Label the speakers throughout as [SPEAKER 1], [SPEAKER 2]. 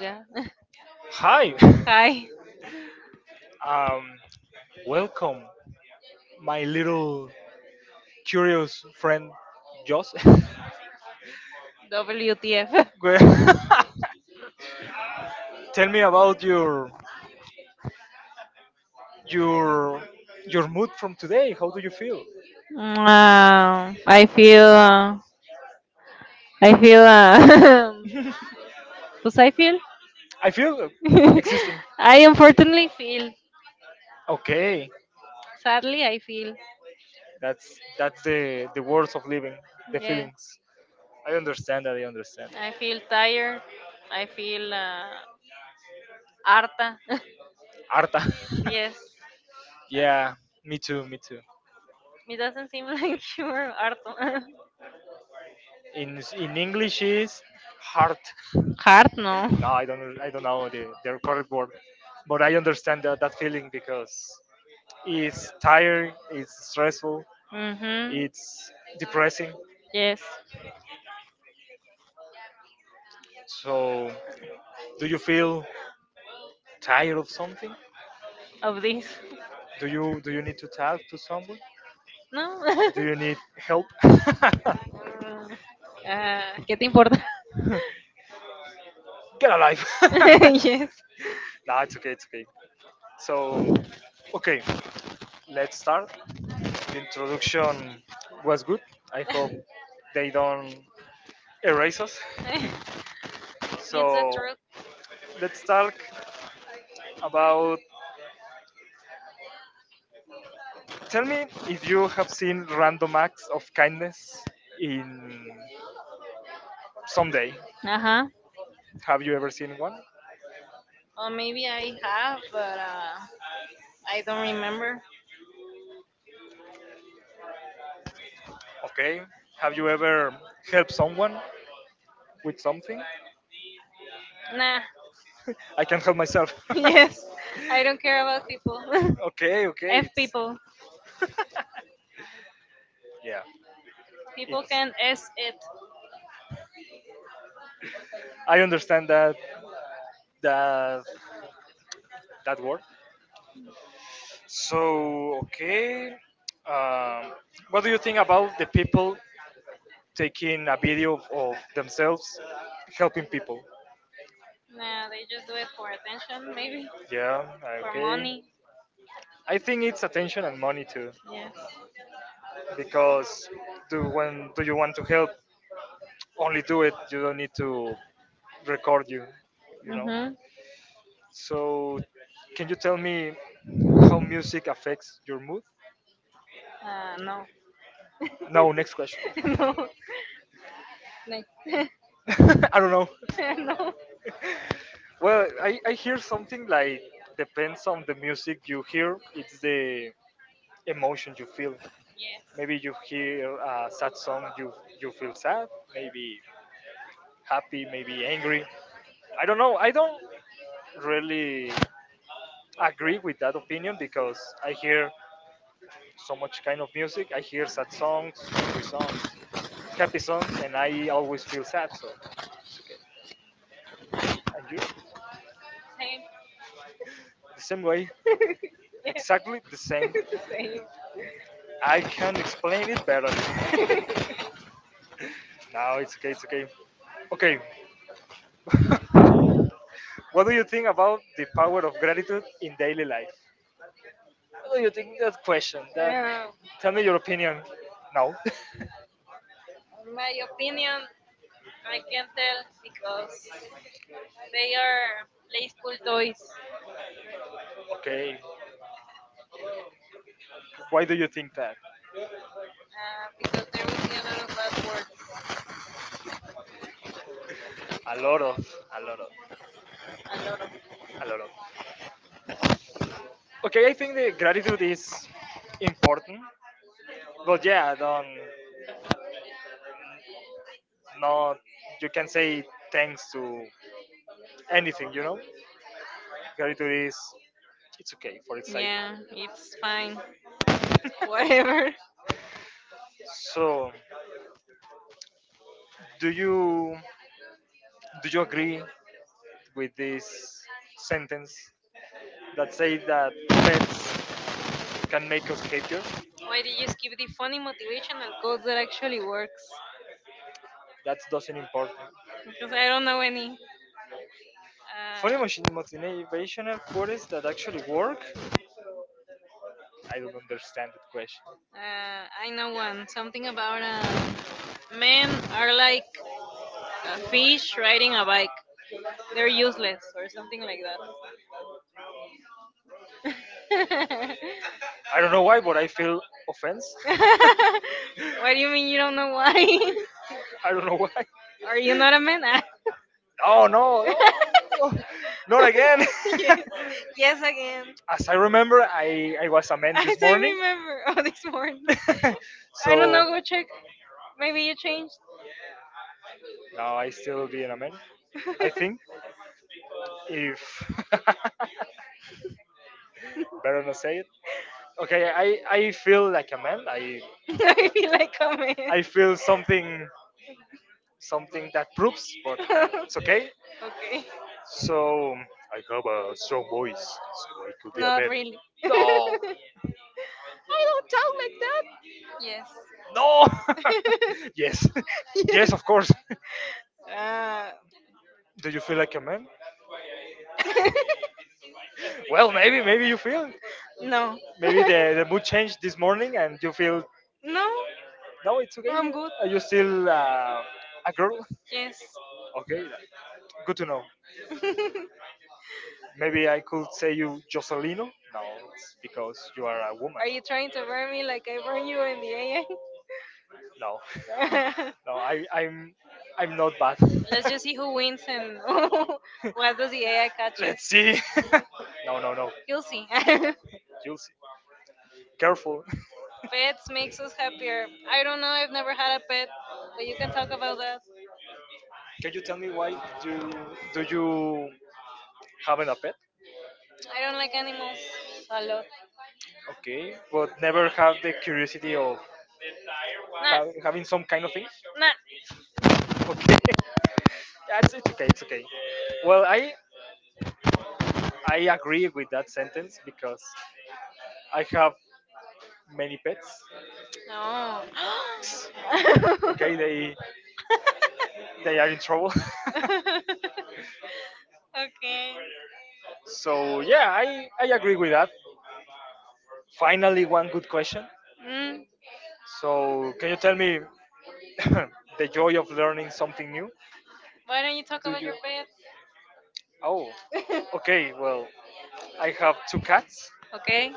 [SPEAKER 1] Yeah. Hi. WTF. I feel. I feel. Pues I feel. I unfortunately feel. Sadly, I feel. Yes. I feel tired. I feel harta. Yes. It doesn't seem like you're harto. Hard, no. Mhm. Yes. Of this. No. Ah, ¿Qué te importa? Yes. It's the truth. Uh huh. Or maybe I have, but I don't remember. Nah. Yes. I don't care about people. F people. People can S it. Nah, they just do it for attention, maybe. For money. Yes. Mm-hmm. No. No. Next. No. Yes. Yes, same. Yes, the same. Um, my opinion, I can tell because they are playful toys. Because there will be a lot of bad words, a lot of. Yeah, it's fine. Whatever. Why did you skip the funny motivational quotes that actually works? Because I don't know any. Uh, I know one. Something about men are like a fish riding a bike. They're useless or something like that. What do you mean you don't know why? Are you not a man? Yes. Yes again. As I remember. Oh, this morning. I don't know. Go check. Maybe you changed. Maybe like a comment. Okay. Not really. Yes. Yes. Ah. No. No, no, I'm good. Yes. Are you trying to burn me like I burn you in the AI? Let's just see who wins and what does the AI catches. You'll see. Pets makes us happier. I don't know. I've never had a pet, but you can talk about that. I don't like animals a lot. Nah, nah. No. Okay. Mm. Why don't you talk about your pets? Okay.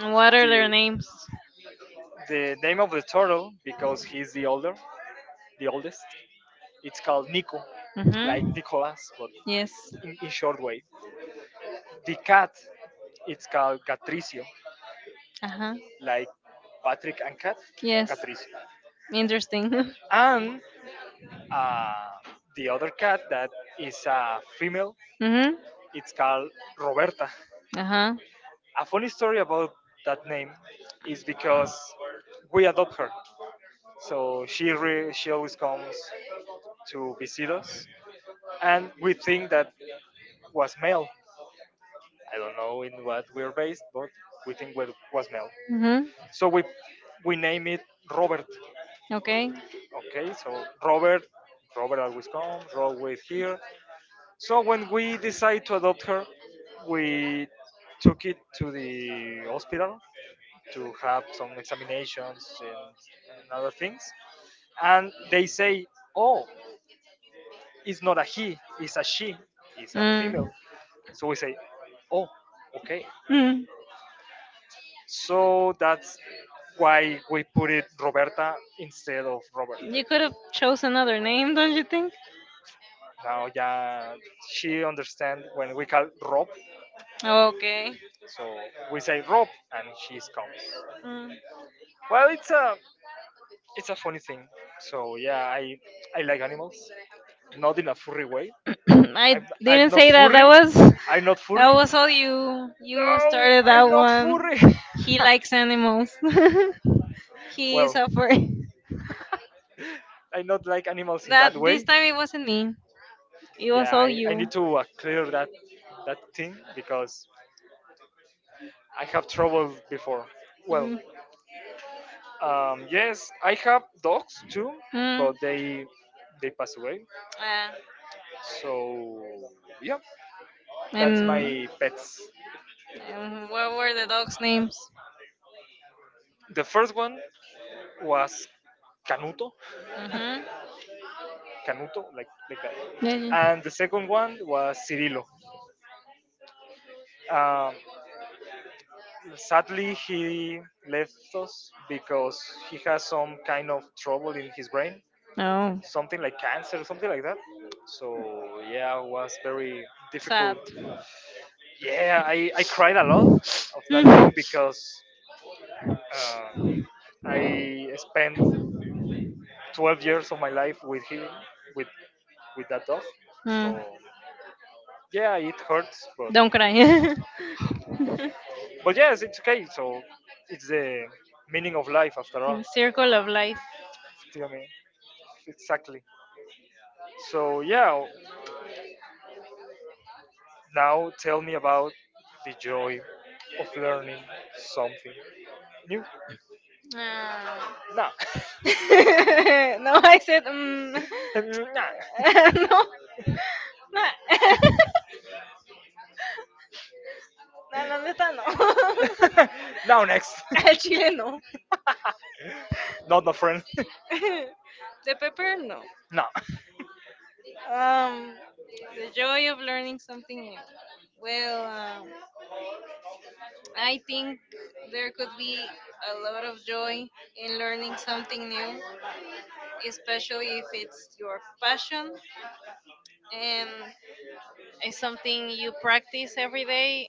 [SPEAKER 1] And what are their names? Mm-hmm. Yes. Uh huh. Yes. Interesting. Mm-hmm. Uh huh. Mm-hmm. Okay. Mm. Mm. You could have chose another name, don't you think? Oh, okay. Mm. I didn't say that. That was all you. You started that one. He likes animals. he is a That this time it wasn't me. It was all you. Mm. Mm. Ah. And, and what were the dogs' names? Mhm. Yeah, yeah. Oh, sad. Mm, don't cry. Circle of life. Ah. No, I said. Mm. No, no. No, la neta no. Al chile no. The pepper no. Um, the joy of learning something new. Well, I think there could be a lot of joy in learning something new, especially if it's your passion and it's something you practice every day.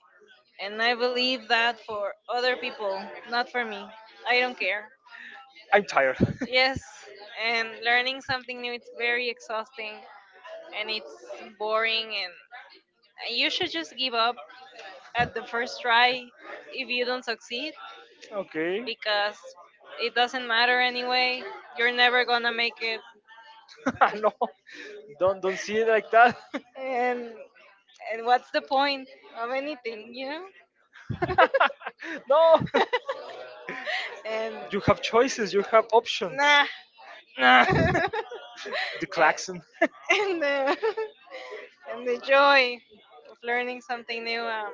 [SPEAKER 1] And I believe that for other people, not for me. I don't care. Yes, and learning something new it's very exhausting and it's boring and you should just give up at the first try if you don't succeed because it doesn't matter anyway. You're never gonna make it, and and what's the point of anything, you know? And nah, and the and the joy of learning something new.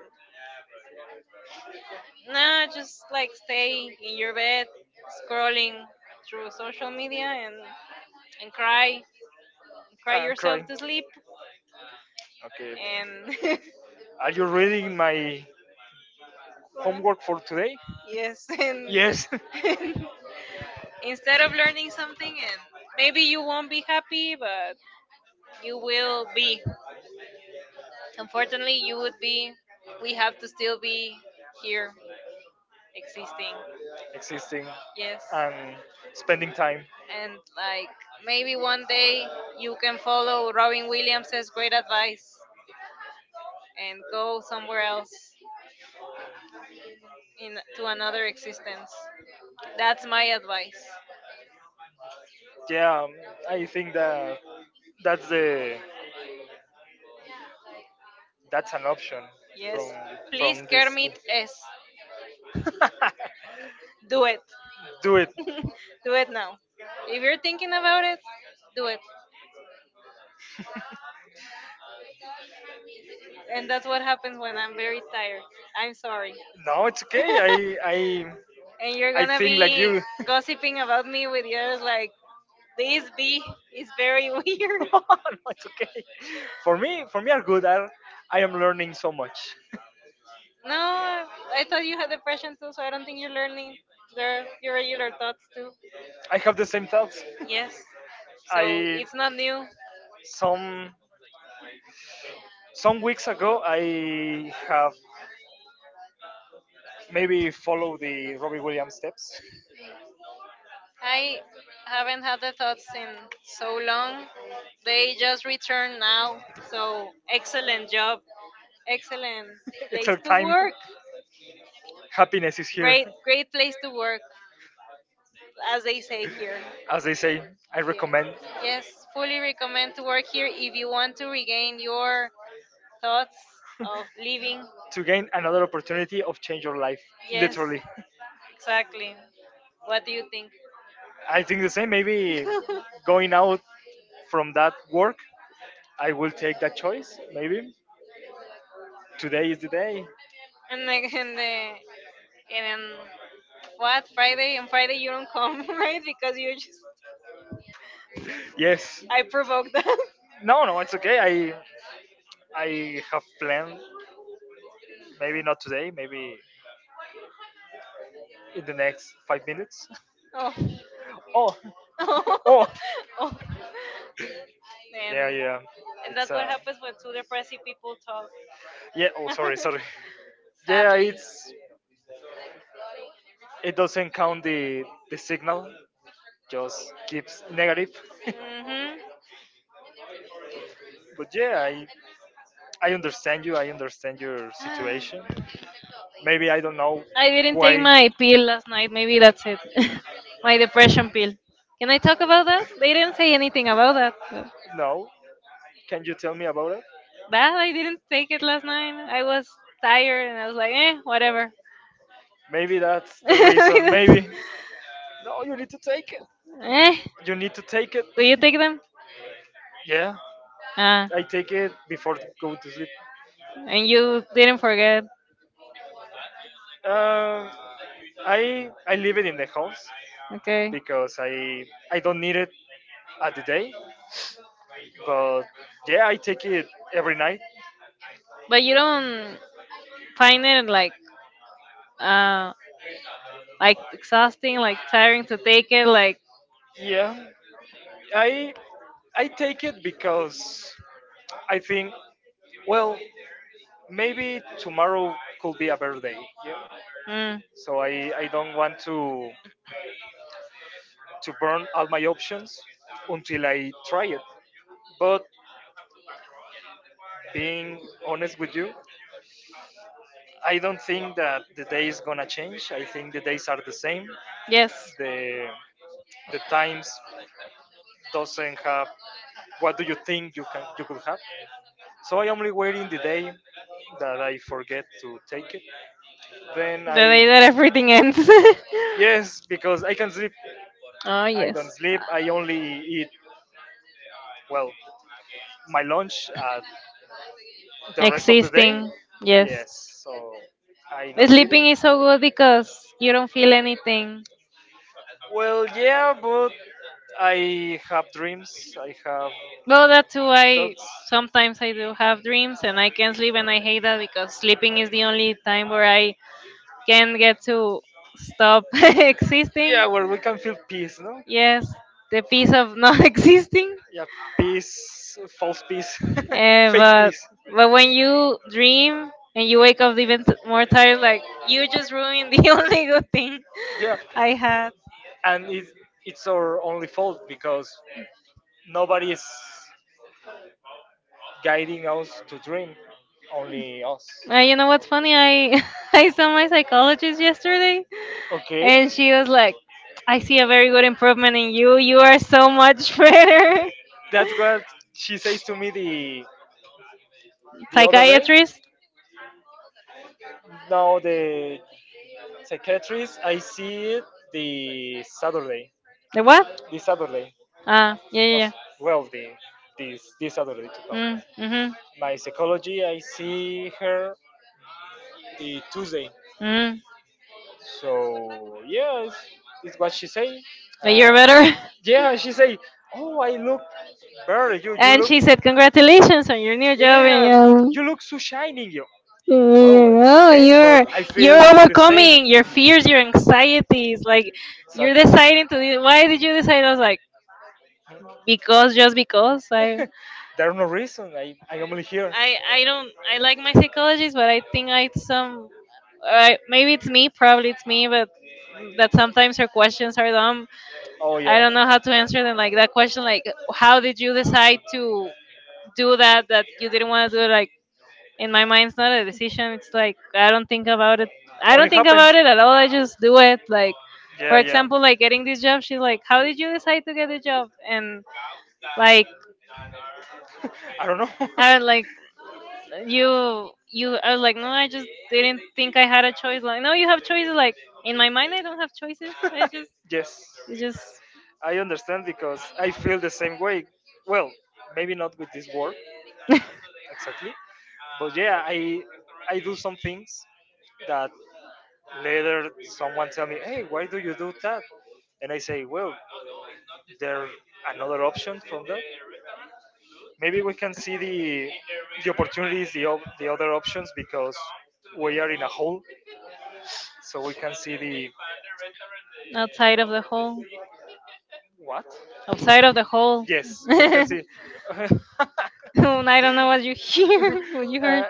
[SPEAKER 1] Nah, just like stay in your bed, scrolling through social media and cry, cry yourself to sleep, and yes, and instead of learning something. And maybe you won't be happy but you will be. Unfortunately you would be. We have to still be here existing. Yes. And like maybe one day you can follow Robin Williams' great advice and go somewhere else in to another existence. That's my advice. Yes, please. Kermit s do it. Do it now. If you're thinking about it, do it. And that's what happens when I'm very tired. I'm sorry. And you're gonna be gossiping about me with yours like this bee is very weird. No, I thought you had depression too, so I don't think you're learning your regular thoughts too. Yes, so it's not new. I haven't had the thoughts in so long. They just returned now, so excellent job, excellent place to work. Great, great place to work, as they say here. Yeah. Yes, fully recommend to work here if you want to regain your thoughts of living. Yes, exactly. What do you think? And like and the and on what Friday? On Friday you don't come, right? Because you just. I provoked them. Oh, oh, oh. And and that's what happens when two depressive people talk. Sadly. Hmm. I didn't take my pill last night. Maybe that's it. My depression pill. Can I talk about that? They didn't say anything about that. But that I didn't take it last night. I was tired and I was like, eh, whatever. Eh, do you take them? Ah, and you didn't forget. Okay. But you don't find it uh like exhausting, like tiring to take it, like. Mm, yes, the day that everything ends. Oh, yes. Existing, yes. Sleeping is so good because you don't feel anything. Well, that's why sometimes I do have dreams and I can not sleep, and I hate that because sleeping is the only time where I can get to stop existing. Yes, the peace of not existing. Eh, but when you dream and you wake up even more tired, like you just ruined the only good thing I had. You know what's funny? I I saw my psychologist yesterday, and she was like, "I see a very good improvement in you. You are so much better." Psychiatrist? The what? Ah, yeah, yeah, yeah. Mm, mhm, mm. But you're better. And she said, "Congratulations on your new job, and you know, you're you're overcoming your fears, your anxieties. Like you're deciding to do. Why did you decide?" I was like, "Because, just because. I don't. I like my psychologist, but I think I some. I, maybe it's me. Probably it's me, but." That sometimes her questions are dumb. I don't know how to answer them, like that question, like how did you decide to do that that you didn't want to do. Like, in my mind it's not a decision. It's like, I don't think about it. I don't think about it at all. I just do it. Like, for example, like getting this job. She's like, how did you decide to get the job? And like, I like you I was like, no, I just didn't think I had a choice. Like, no, you have choices. Like, in my mind I don't have choices. I just. It's just. Outside of the hole. Outside of the hole. I don't know what you hear. What you heard.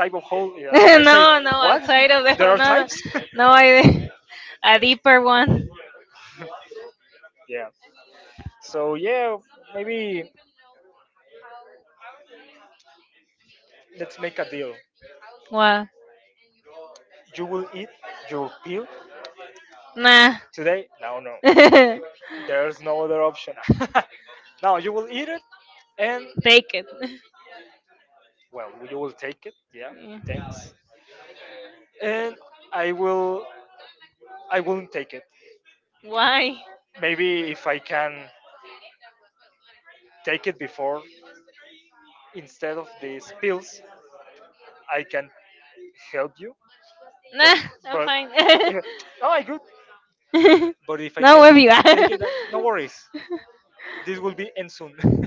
[SPEAKER 1] No, no, outside of the. No, no, no idea. A deeper one. Wow. Nah. Take it. Yeah. Why? Nah, I'm fine. No, with you. Are?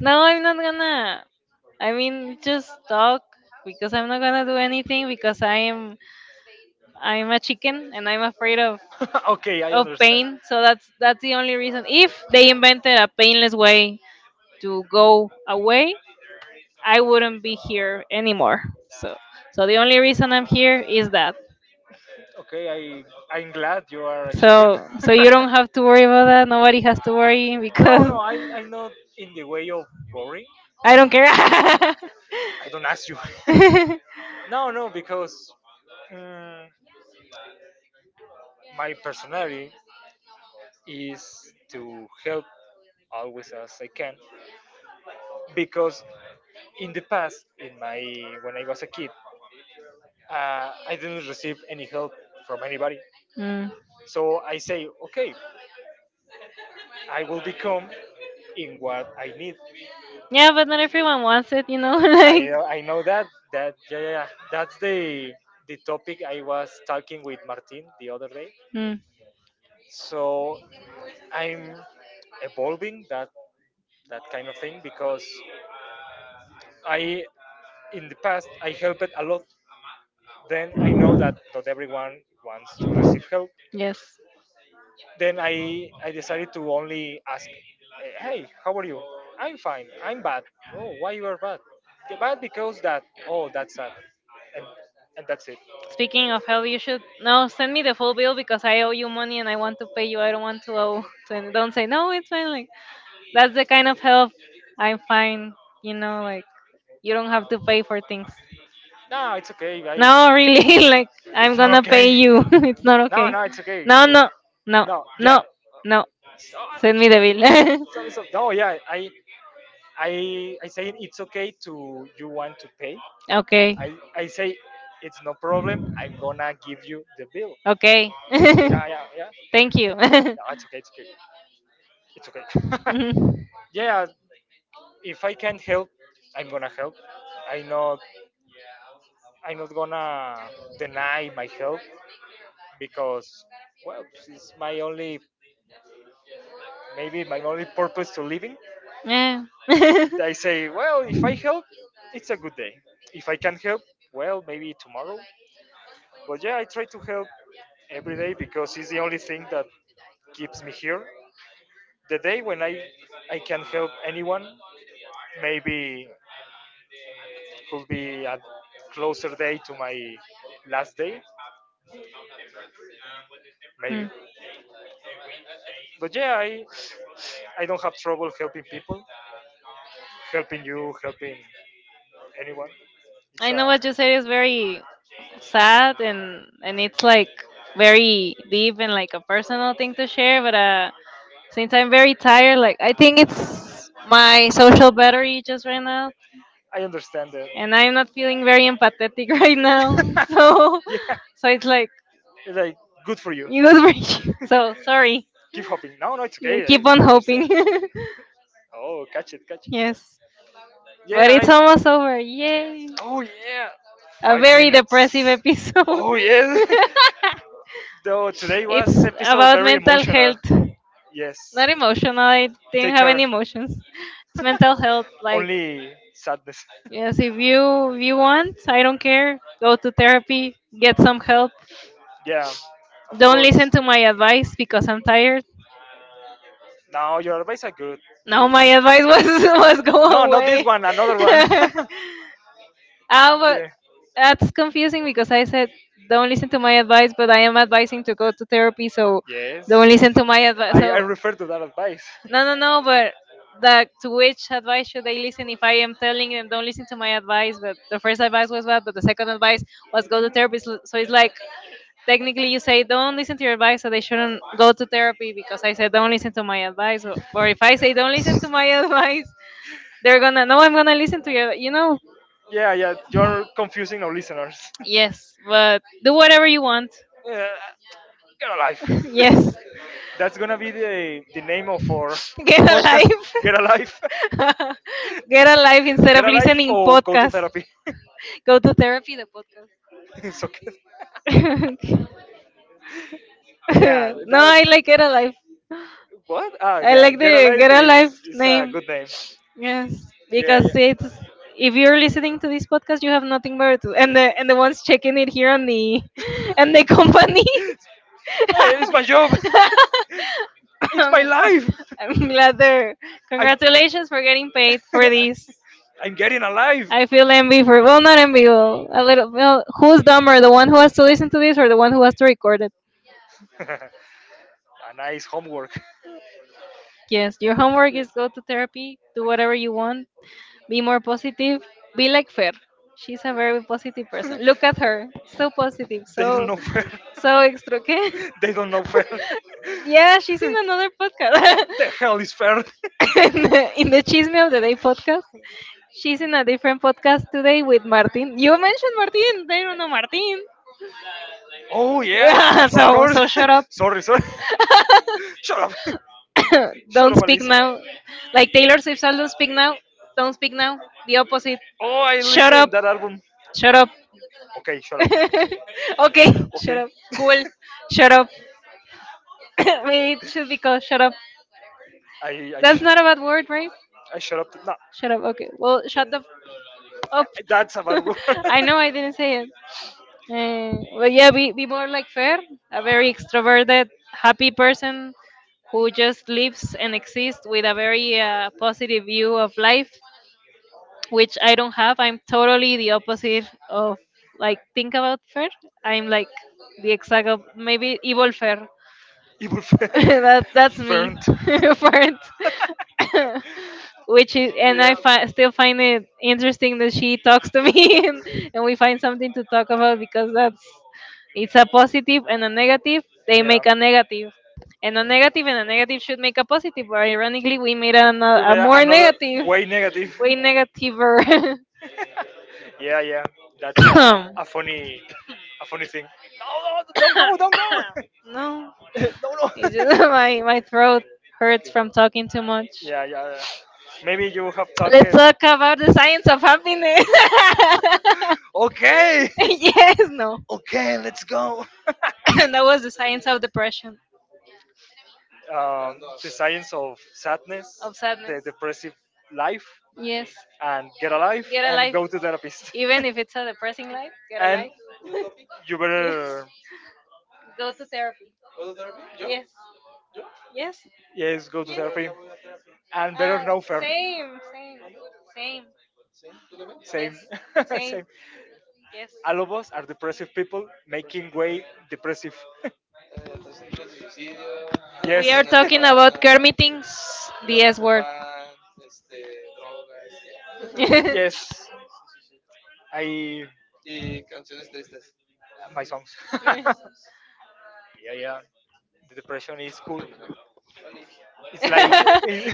[SPEAKER 1] No, I'm not gonna. I mean, just talk because I'm not gonna do anything because I'm a chicken and I'm afraid of pain. So that's the only reason. If they invented a painless way to go away, I wouldn't be here anymore. So so the only reason I'm here is that. So you don't have to worry about that. Nobody has to worry because I don't care. Mm. Yeah, but not everyone wants it. Like, mm, yes. Speaking of hell, you should no send me the full bill because I owe you money and I want to pay you. I don't want to owe. To, don't say no. It's fine. Like, that's the kind of help I find, like you don't have to pay for things. No, really, like I'm gonna pay you. It's not okay. No, no, no, no, no. Send me the bill. Okay, okay. Thank you. Mhm. Yeah. Mm. I know what you said is very sad and it's like very deep and like a personal thing to share, but since I'm very tired, like I think it's my social battery just ran out, and I'm not feeling very empathetic right now. So, it's like it was very. So sorry. Yeah, keep on hoping. Yes, but it's almost over. Yay! A very depressive episode. It's about mental health not emotional. I didn't have any emotions. It's mental health, like. Yes, if you want, I don't care. Go to therapy, get some help. Don't listen to my advice because I'm tired. No, my advice was was go away. Ah, but that's confusing because I said don't listen to my advice, but I am advising to go to therapy, so don't listen to my advice. So no, no, no, but that. To which advice should they listen if I am telling them don't listen to my advice? But the first advice was bad, but the second advice was go to therapy. So it's like technically you say don't listen to your advice so they shouldn't go to therapy because I said don't listen to my advice or if I say don't listen to my advice they're gonna. No, I'm gonna listen to you you know Yes, but do whatever you want. Yes, get a life. Get a life instead of listening podcasts. Go to therapy, the podcast. No, I like get a life. I like the girl life name. Yes, because it's if you're listening to this podcast, you have nothing better to and the ones checking it here on the and the company. Um, I'm glad they're congratulations for getting paid for this. I feel envy for, well, not envy, well, a little. Well, who's dumber, the one who has to listen to this or the one who has to record it? Yes, your homework is go to therapy, do whatever you want, be more positive, be like Fer. She's a very positive person. Look at her, so positive, so extra. ¿Qué? Yeah, she's in another podcast. In the Chisme of the Day podcast. She's in a different podcast today with Martin. You mentioned Martin. They don't know Martin. So shut up. Don't speak now. Like Taylor Swift said, don't speak now. Don't speak now. The opposite. Shut up. Shut up. Okay, shut up. Cool. Shut up. Maybe it should be called shut up. That's not a bad word, right? Shut up. Okay. Well, shut the up. I know I didn't say it. But yeah, be more like Fer, a very extroverted, happy person who just lives and exists with a very positive view of life, which I don't have. I'm totally the opposite of, like, think about fair. I'm like the maybe evil fair. That's me for it. Which is. And I still find it interesting that she talks to me and we find something to talk about because that's it's a positive and a negative. They make a negative. And a negative and a negative should make a positive, but ironically, we made a more negative, way negativer.
[SPEAKER 2] Don't go.
[SPEAKER 1] No, it's just my throat hurts from talking too much. Let's talk about the science of happiness.
[SPEAKER 2] There. Okay.
[SPEAKER 1] Yes, no,
[SPEAKER 2] Okay, let's go.
[SPEAKER 1] that was the science of depression, of sadness. Yes, get a life, even if it's a depressing life. Get a life. Yes, go to therapy. Yes, yes. Yes. Uh, Same, same, same. Yes, same. Yes. We are talking about Kermitings, the S word.
[SPEAKER 2] My songs.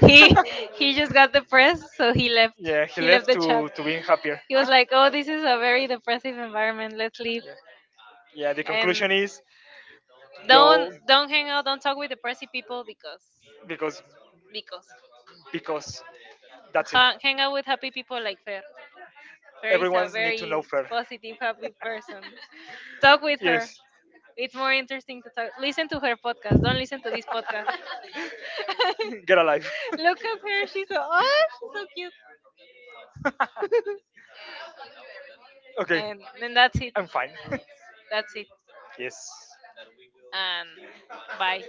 [SPEAKER 1] he he just got depressed, so he left. Left the chat. He was like, "Oh, this is a very depressive environment. Let's leave." And don't hang out, don't talk with depressive people because because hang out with happy people like Fer. Fer is a very know positive, happy person. Talk with her. It's more interesting to talk. Listen to her podcast. Don't listen to this podcast. Look at her. She's so, oh, she's so cute. And then that's it. That's it. And bye.